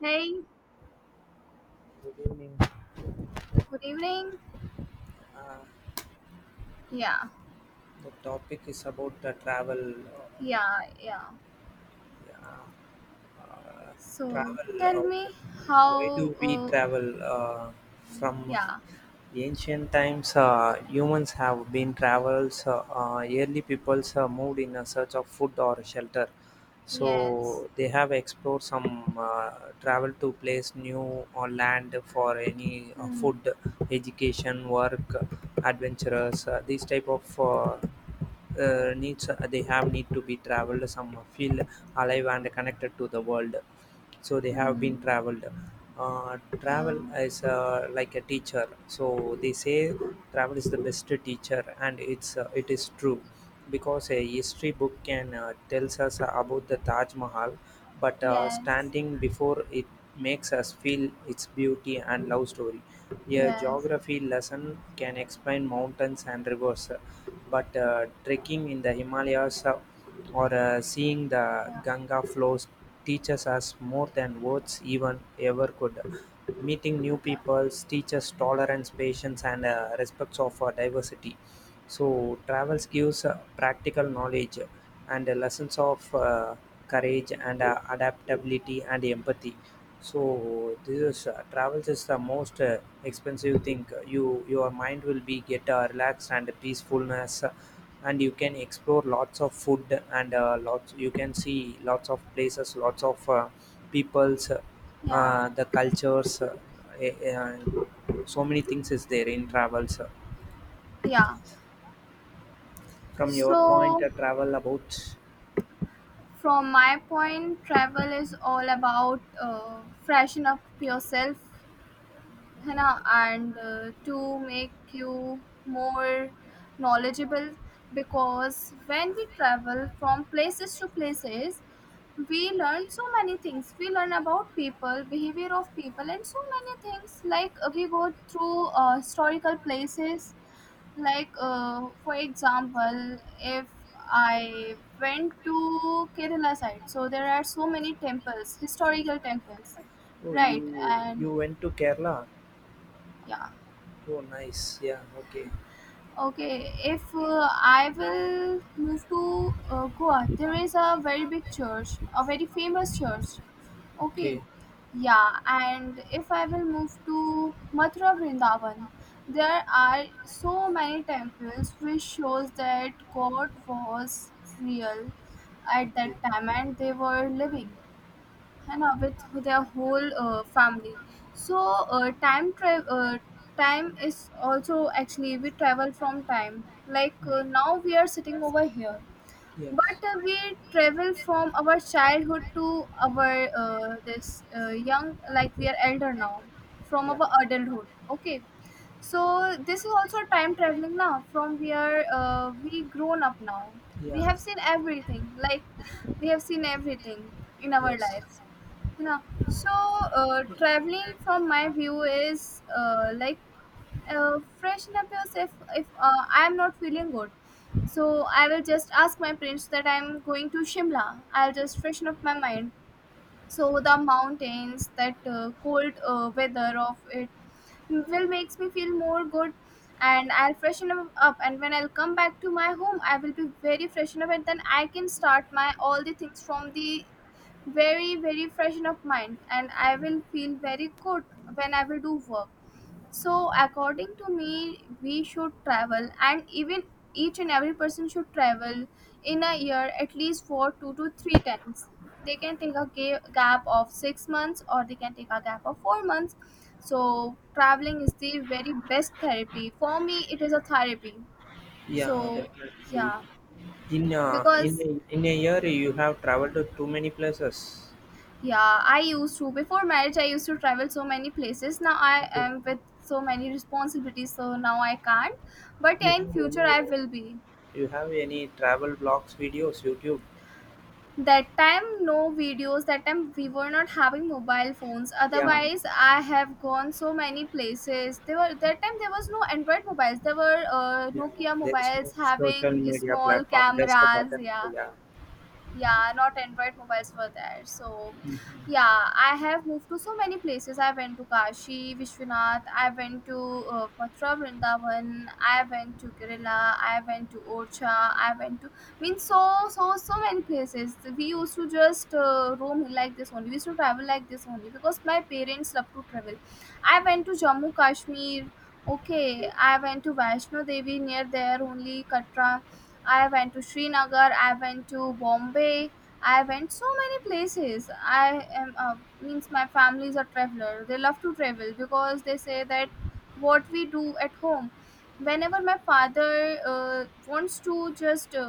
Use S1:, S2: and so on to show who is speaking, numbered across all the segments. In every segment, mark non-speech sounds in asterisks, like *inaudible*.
S1: Hey,
S2: Good evening.
S1: good evening.
S2: Uh,
S1: Yeah,
S2: the topic is about the travel.
S1: yeah, yeah.
S2: Uh, uh,
S1: So
S2: Travel.
S1: tell me
S2: Why do
S1: how.
S2: we travel? From
S1: Yeah,
S2: ancient times, humans have been travels. Early peoples moved in a search of food or shelter. So
S1: yes.
S2: they have explored some travel to place new or land for any
S1: Hmm.
S2: food, education, work, adventurers. These type of needs they have need to be traveled some feel alive and connected to the world so they have been
S1: Hmm.
S2: traveled.
S1: Yeah.
S2: Travel is like a teacher, so they say travel is the best teacher, and it is true, because a history book can tells us about the Taj Mahal, but
S1: Yes.
S2: standing before it makes us feel its beauty and love story. A
S1: Yes.
S2: geography lesson can explain mountains and rivers, but trekking in the Himalayas, or seeing the
S1: Yeah.
S2: Ganga flows teaches us more than words even ever could. Meeting new
S1: Yeah.
S2: people teaches tolerance, patience, and respect for diversity. So travels gives practical knowledge and lessons of courage and adaptability and empathy. So this is travels is the most expensive thing. Your mind will be get relaxed and peacefulness, and you can explore lots of food and lots. You can see lots of places, lots of peoples,
S1: Yeah.
S2: the cultures. Eh, eh, so many things is there in travels.
S1: Yeah.
S2: From your point,
S1: So
S2: travel about?
S1: from my point, travel is all about freshen up yourself, you know, and to make you more knowledgeable, because when we travel from places to places we learn so many things. We learn about people, behavior of people, and so many things. Like we go through historical places. Like for example, if I went to Kerala side, so there are so many temples, historical temples.
S2: Oh, you
S1: Right. And
S2: you went to Kerala.
S1: yeah.
S2: Oh, nice. Yeah, okay.
S1: Okay, if I will move to Goa, there is a very big church, a very famous church. Okay,
S2: Okay.
S1: yeah, and if I will move to Mathura Vrindavan, there are so many temples which shows that God was real at that
S2: Okay.
S1: time and they were living. है ना, with their whole family. So uh, time tra- uh, time is also, actually we travel from time. Like now we are sitting over here,
S2: Yes.
S1: but we travel from our childhood to our this young, like we are elder now, from our adulthood. Okay. So this is also time traveling, now from where we grown up now.
S2: Yeah.
S1: We
S2: Yeah.
S1: have seen everything, like we have seen everything in our
S2: Yes.
S1: lives, you know. So traveling from my view is like freshen up yourself. If I am not feeling good, so I will just ask my parents that I'm going to Shimla. I'll just freshen up my mind. So the mountains, that cold weather of it will makes me feel more good, and I'll freshen up. And when I'll come back to my home, I will be very freshen up, and then I can start my all the things from the very very freshen up mind, and I will feel very good when I will do work. So according to me, we should travel, and even each and every person should travel in a year at least for two to three times. They can take a gap of 6 months, or they can take a gap of 4 months. So traveling is the very best therapy for me. It is a therapy.
S2: Yeah,
S1: So
S2: definitely.
S1: yeah,
S2: In uh, in
S1: because
S2: a, in a year, you have traveled to too many places.
S1: yeah, I used to before marriage. I used to travel so many places. Now I
S2: Okay.
S1: am with so many responsibilities. So now I can't, but
S2: You
S1: yeah, in
S2: have
S1: future
S2: any
S1: I will be.
S2: you have any travel blogs videos, YouTube?
S1: That time no videos, that time we were not having mobile phones,
S2: Yeah,
S1: otherwise I have gone so many places. There were, that time there was no Android mobiles, there were
S2: yeah.
S1: Nokia
S2: There is no
S1: mobiles
S2: social
S1: having
S2: media
S1: small
S2: platform, just a
S1: cameras,
S2: button.
S1: yeah.
S2: Yeah.
S1: Yeah, not Android mobiles were there, so yeah, I have moved to so many places. I went to Kashi Vishwanath, I went to Mathura Vrindavan, I went to Kerala, I went to Orcha, I went to, means so many places we used to just roam like this only. We used to travel like this only because my parents love to travel. I went to Jammu Kashmir. Okay.
S2: Okay.
S1: I went to Vaishno Devi, near there only, Katra. I went to Srinagar, I went to Bombay, I went so many places. I am means my family is a traveler. They love to travel because they say that what we do at home. Whenever my father wants to just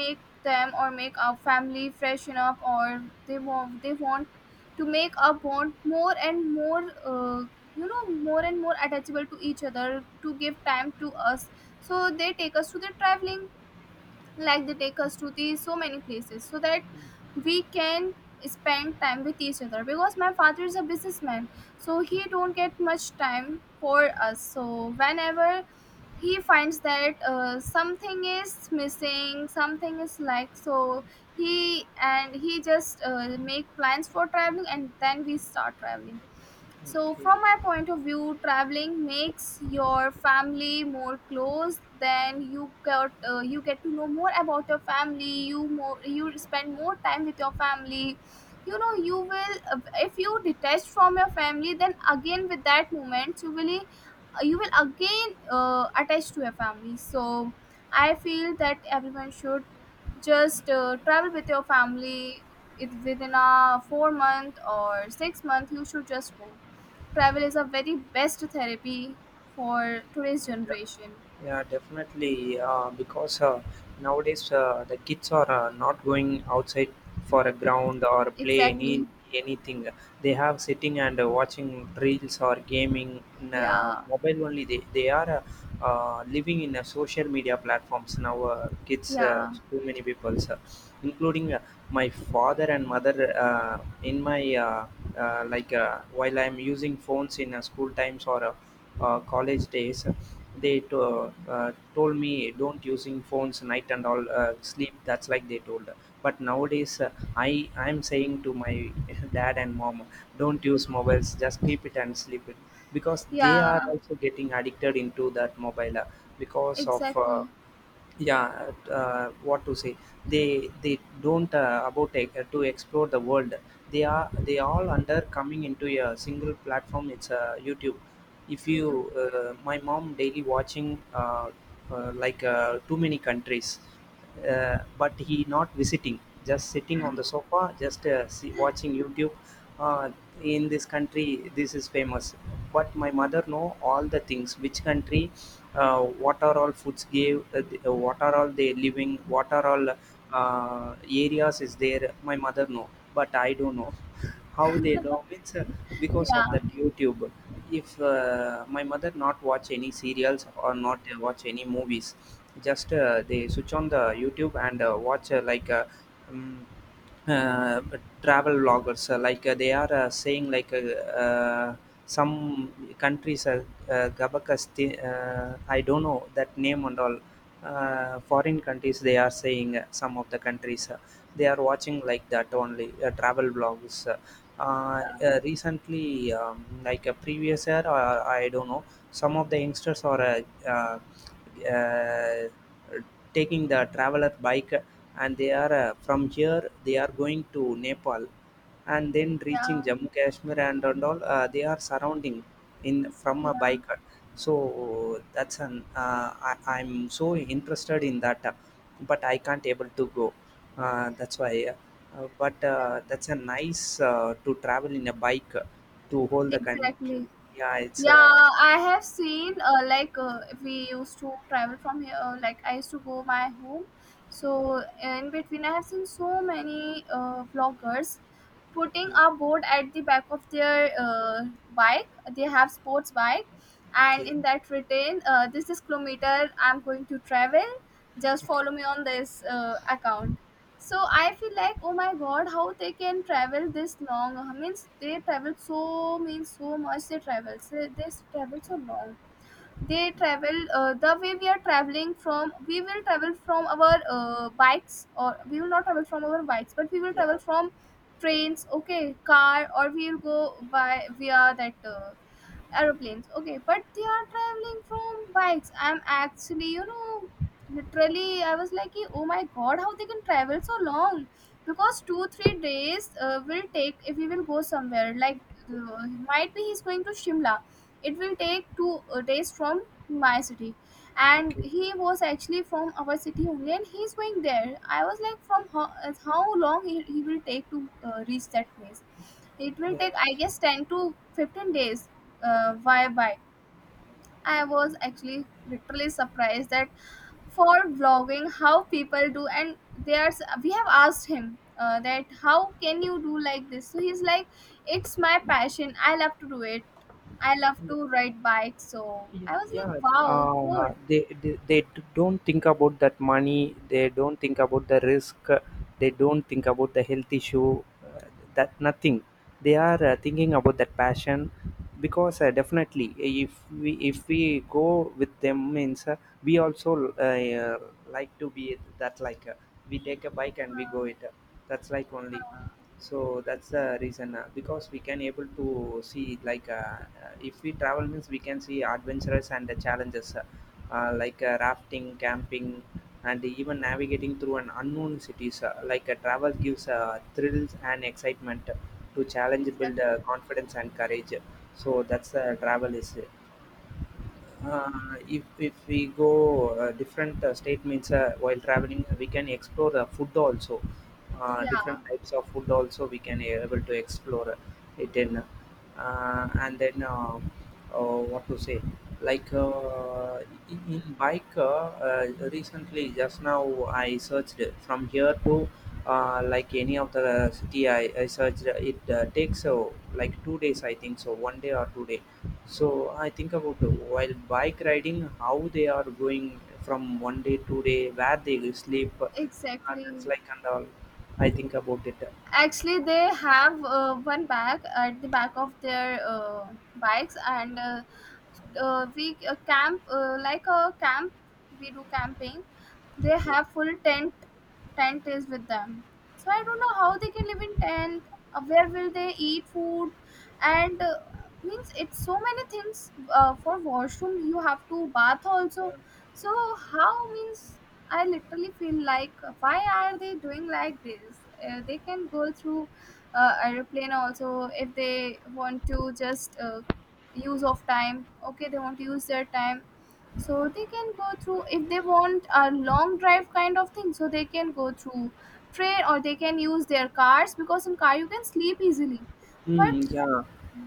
S1: make them or make our family freshen up, or they want to make our bond more and more, you know, more and more attachable to each other, to give time to us, so they take us to the traveling. Like they take us to the so many places, so that we can spend time with each other because my father is a businessman, so he don't get much time for us. So whenever he finds that something is missing, something is like, so he just make plans for traveling, and then we start traveling. So
S2: Okay.
S1: from my point of view, traveling makes your family more close. Then you get to know more about your family. You more you spend more time with your family. You know, you will if you detach from your family, then again with that moment you will again attach to your family. So I feel that everyone should just travel with your family. It, within a 4 month or 6 month, you should just go. Travel is a very best therapy for today's generation.
S2: Definitely. Because nowadays the kids are not going outside for a ground or play
S1: Exactly.
S2: anything. They have sitting and watching reels or gaming in
S1: Yeah.
S2: mobile only. They are living in social media platforms now. Kids,
S1: Yeah.
S2: too many people, sir, including my father and mother. Uh, in my uh, like While I'm using phones in school times or. College days, they to, told me don't using phones night and all sleep. That's like they told. But nowadays, I'm saying to my *laughs* dad and mom, don't use mobiles. Just keep it and sleep it, because they are
S1: Yeah.
S2: also getting addicted into that mobile because of.
S1: Exactly.
S2: Yeah, what to say, they don't to explore the world. They are they all under coming into a single platform, it's YouTube. If
S1: You
S2: you
S1: do.
S2: my mom daily watching, like too many countries, but he not visiting, just sitting on the sofa just see, watching YouTube. Uh, in this country this is famous, but my mother know all the things which country, what are all foods gave what are all they living, what are all uh, areas is there. My mother know, but I don't know how they know, means because of
S1: Yeah.
S2: that YouTube. If my mother not watch any serials or not watch any movies, just they switch on the YouTube and watch um, uh, travel vloggers, they are saying like uh, some countries, Gabakas, I don't know that name and all foreign countries, they are saying some of the countries, they are watching like that only travel blogs.
S1: Yeah.
S2: Uh, Recently, like a previous year or I don't know, some of the youngsters are uh, uh, taking the traveler bike, and they are from here they are going to Nepal and then reaching
S1: Yeah.
S2: Jammu Kashmir, and all they are surrounding in from a
S1: Yeah.
S2: bike. So that's an I'm so interested in that, but I can't able to go. That's why. But
S1: Yeah.
S2: That's a nice to travel in a bike to hold the country.
S1: Exactly.
S2: Yeah, it's
S1: Yeah, I have seen like we used to travel from here. Like I used to go my home, so in between I have seen so many vloggers putting a board at the back of their bike. They have sports bike, and
S2: okay,
S1: in that written, this is kilometer I'm going to travel. Just
S2: okay,
S1: follow me on this account. So I feel like, oh my god, how they can travel this long? Means they travel so means so much. They travel. So they travel so long. They travel the way we are traveling from. We will travel from our bikes, or we will not travel from our bikes, but we will
S2: yeah,
S1: travel from trains. Okay, car, or we will go by via that aeroplanes. Okay, but they are traveling from bikes. I'm actually, you know, literally I was like, "Ki, oh my god, how they can travel so long?" Because 2-3 days will take if we will go somewhere. Like uh, might be he's going to Shimla, it will take two days from my city, and
S2: okay,
S1: he was actually from our city only and he's going there. I was like, from how long he will take to reach that place. It will take I
S2: yes,
S1: guess 10 to 15 days. Why why? I was actually literally surprised that for vlogging how people do. And there's, we have asked him that how can you do like this. So he's like, it's my passion, I love to do it. I love to ride bikes. So I was like,
S2: yeah.
S1: wow, good.
S2: They don't think about that money, they don't think about the risk, they don't think about the health issue, that nothing. They are thinking about that passion, because definitely if we go with them means we also like to be that, like we take a bike and we
S1: uh,
S2: go it. That's like only.
S1: uh,
S2: So that's the reason, because we can able to see, like if we travel means we can see adventures and the challenges, rafting, camping, and even navigating through an unknown cities, travel gives thrills and excitement to challenge, build
S1: exactly.
S2: confidence and courage. So that's travel is if we go different state means while traveling we can explore the food also, different
S1: Yeah.
S2: types of food also we can able to explore it in. And then What to say, like in bike, recently just now I searched from here to like any of the I searched, it takes like 2 days, I think. So one day or 2 day. So I think about while bike riding, how they are going from one day to day, where they sleep, that's
S1: Exactly.
S2: like and all. I think about it.
S1: Actually they have one bag at the back of their bikes and we camp, like a camp, we do camping. They
S2: Okay.
S1: have full tent. Tent is with them. So I don't know how they can live in tent. Where will they eat food, and means it's so many things. For washroom you have to bath also. So how, means I literally feel like, why are they doing like this? They can go through aeroplane also if they want to just use of time. Okay, they want to use their time, so they can go through if they want a long drive kind of thing. So they can go through train, or they can use their cars because in car you can sleep easily, but
S2: Yeah,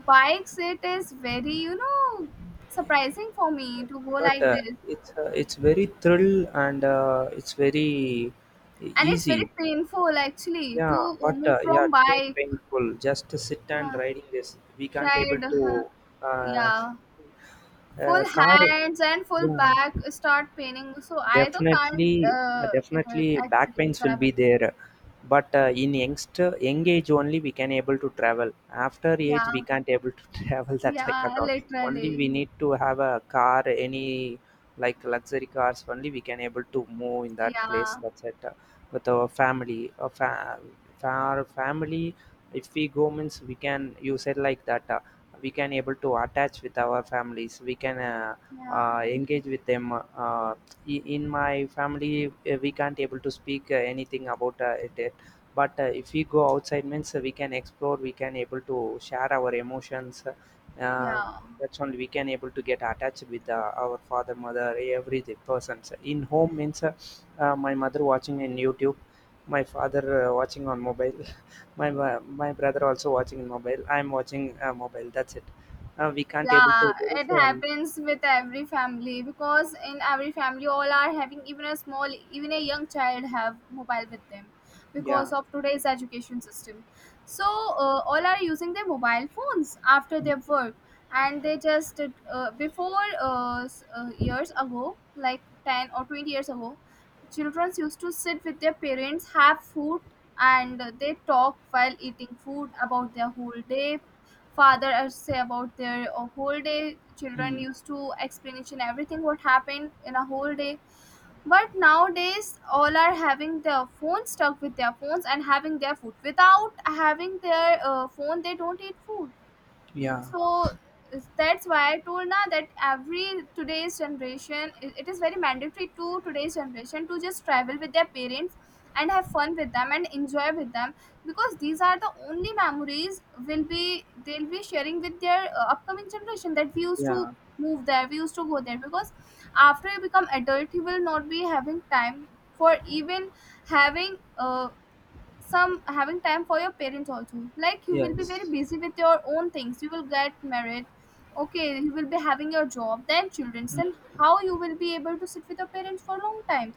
S1: bikes, it is very, you know, surprising for me to go
S2: but
S1: like this.
S2: it's very thrill and it's very
S1: And it's very
S2: easy.
S1: painful actually
S2: Yeah,
S1: to
S2: but
S1: move
S2: yeah,
S1: from
S2: too
S1: bike.
S2: painful. Just to sit and
S1: Yeah.
S2: riding this. We can't able
S1: Ride
S2: to uh,
S1: yeah. Full
S2: car.
S1: hands and full
S2: Yeah.
S1: back start paining, so I though can't
S2: Definitely, definitely, back
S1: actually
S2: pains will be
S1: travel.
S2: there. But in youngster, young age only we can able to travel. After age
S1: Yeah.
S2: we can't able to *laughs* travel. That's like a
S1: Yeah,
S2: lot. Only
S1: literally.
S2: we need to have a car, any like luxury cars. Only we can able to move in that place.
S1: Yeah.
S2: That's it. With our family, our family. If we go means we can. You said like that. We can able to attach with our families. We can.
S1: Yeah.
S2: Engage with them, in my family we can't able to speak anything about it, but if we go outside means we can explore, we can able to share our emotions, uh,
S1: Yeah.
S2: that's only we can able to get attached with our father, mother, every the persons in home means, my mother watching in YouTube, my father watching on mobile, *laughs* my brother also watching in mobile, I'm watching mobile, that's it. We can't able
S1: Yeah,
S2: to, there is
S1: it
S2: an.
S1: happens with every family because in every family all are having, even a small, even a young child have mobile with them
S2: Yeah.
S1: because of today's education system. So all are using their mobile phones after
S2: Mm,
S1: their work. And they just years ago, like 10 or 20 years ago, children used to sit with their parents, have food, and they talk while eating food about their whole day. Father say about their whole day. Children
S2: mm,
S1: used to explanation everything what happened in a whole day. But nowadays all are having their phone, stuck with their phones, and having their food. Without having their phone they don't eat food.
S2: yeah,
S1: So that's why I told now that every today's generation, it is very mandatory to today's generation to just travel with their parents and have fun with them and enjoy with them. Because these are the only memories will be, they'll be sharing with their upcoming generation, that we used to
S2: yeah.
S1: move there, we used to go there. Because after you become adult, you will not be having time for even having some having time for your parents also. Like, you will be very
S2: Yes.
S1: busy with your own things, you will get married. Okay, you will be having your job, then children,
S2: Mm.
S1: then how you will be able to sit with your parents for a long time?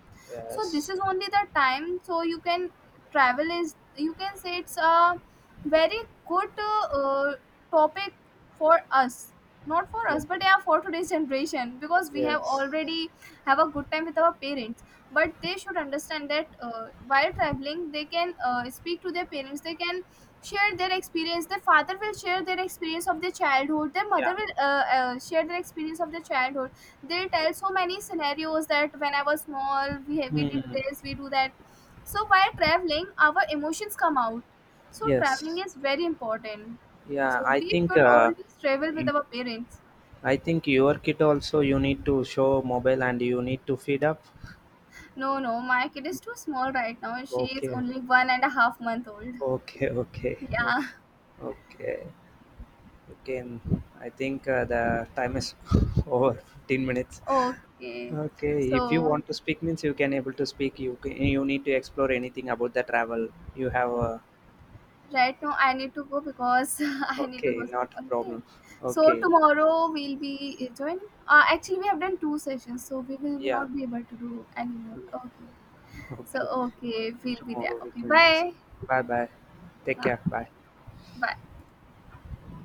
S1: So this
S2: Yes.
S1: is only the time. So you can travel, is you can say it's a very good topic for us, not for
S2: Yeah.
S1: us, but yeah, for today's generation. Because we have
S2: Yes.
S1: already have a good time with our parents. But they should understand that while traveling they can speak to their parents. They can share their experience, their father will share their experience of their childhood, their
S2: Yeah.
S1: mother will share their experience of their childhood. They tell so many scenarios that when I was small, we did
S2: Hmm.
S1: this, we do that. So while traveling our emotions come out. So traveling
S2: Yes.
S1: is very important.
S2: Yeah,
S1: So
S2: I
S1: we
S2: think
S1: should always travel with
S2: mm.
S1: our parents.
S2: I think your kid also you need to show mobile and you need to feed up.
S1: No, no, my kid is too small right now. She is
S2: Okay.
S1: only 1.5 month old.
S2: Okay, okay.
S1: Yeah. *laughs*
S2: *laughs* Okay. Okay. I think the time is *laughs* over 15 minutes.
S1: Okay.
S2: Okay, if you
S1: So
S2: want to speak means you can able to speak. You can, you need to explore anything about the travel. You have a
S1: right now I need to go because *laughs* I need to go
S2: Okay, not a
S1: some. Okay.
S2: problem.
S1: So
S2: Okay.
S1: tomorrow we'll be joining. Actually, we have done two sessions, so we will
S2: Yeah.
S1: not be able to do anymore. Okay. So
S2: Okay,
S1: okay, we'll be there.
S2: tomorrow we
S1: Okay.
S2: can.
S1: Bye.
S2: Bye bye. Take
S1: Uh,
S2: care. Bye.
S1: bye.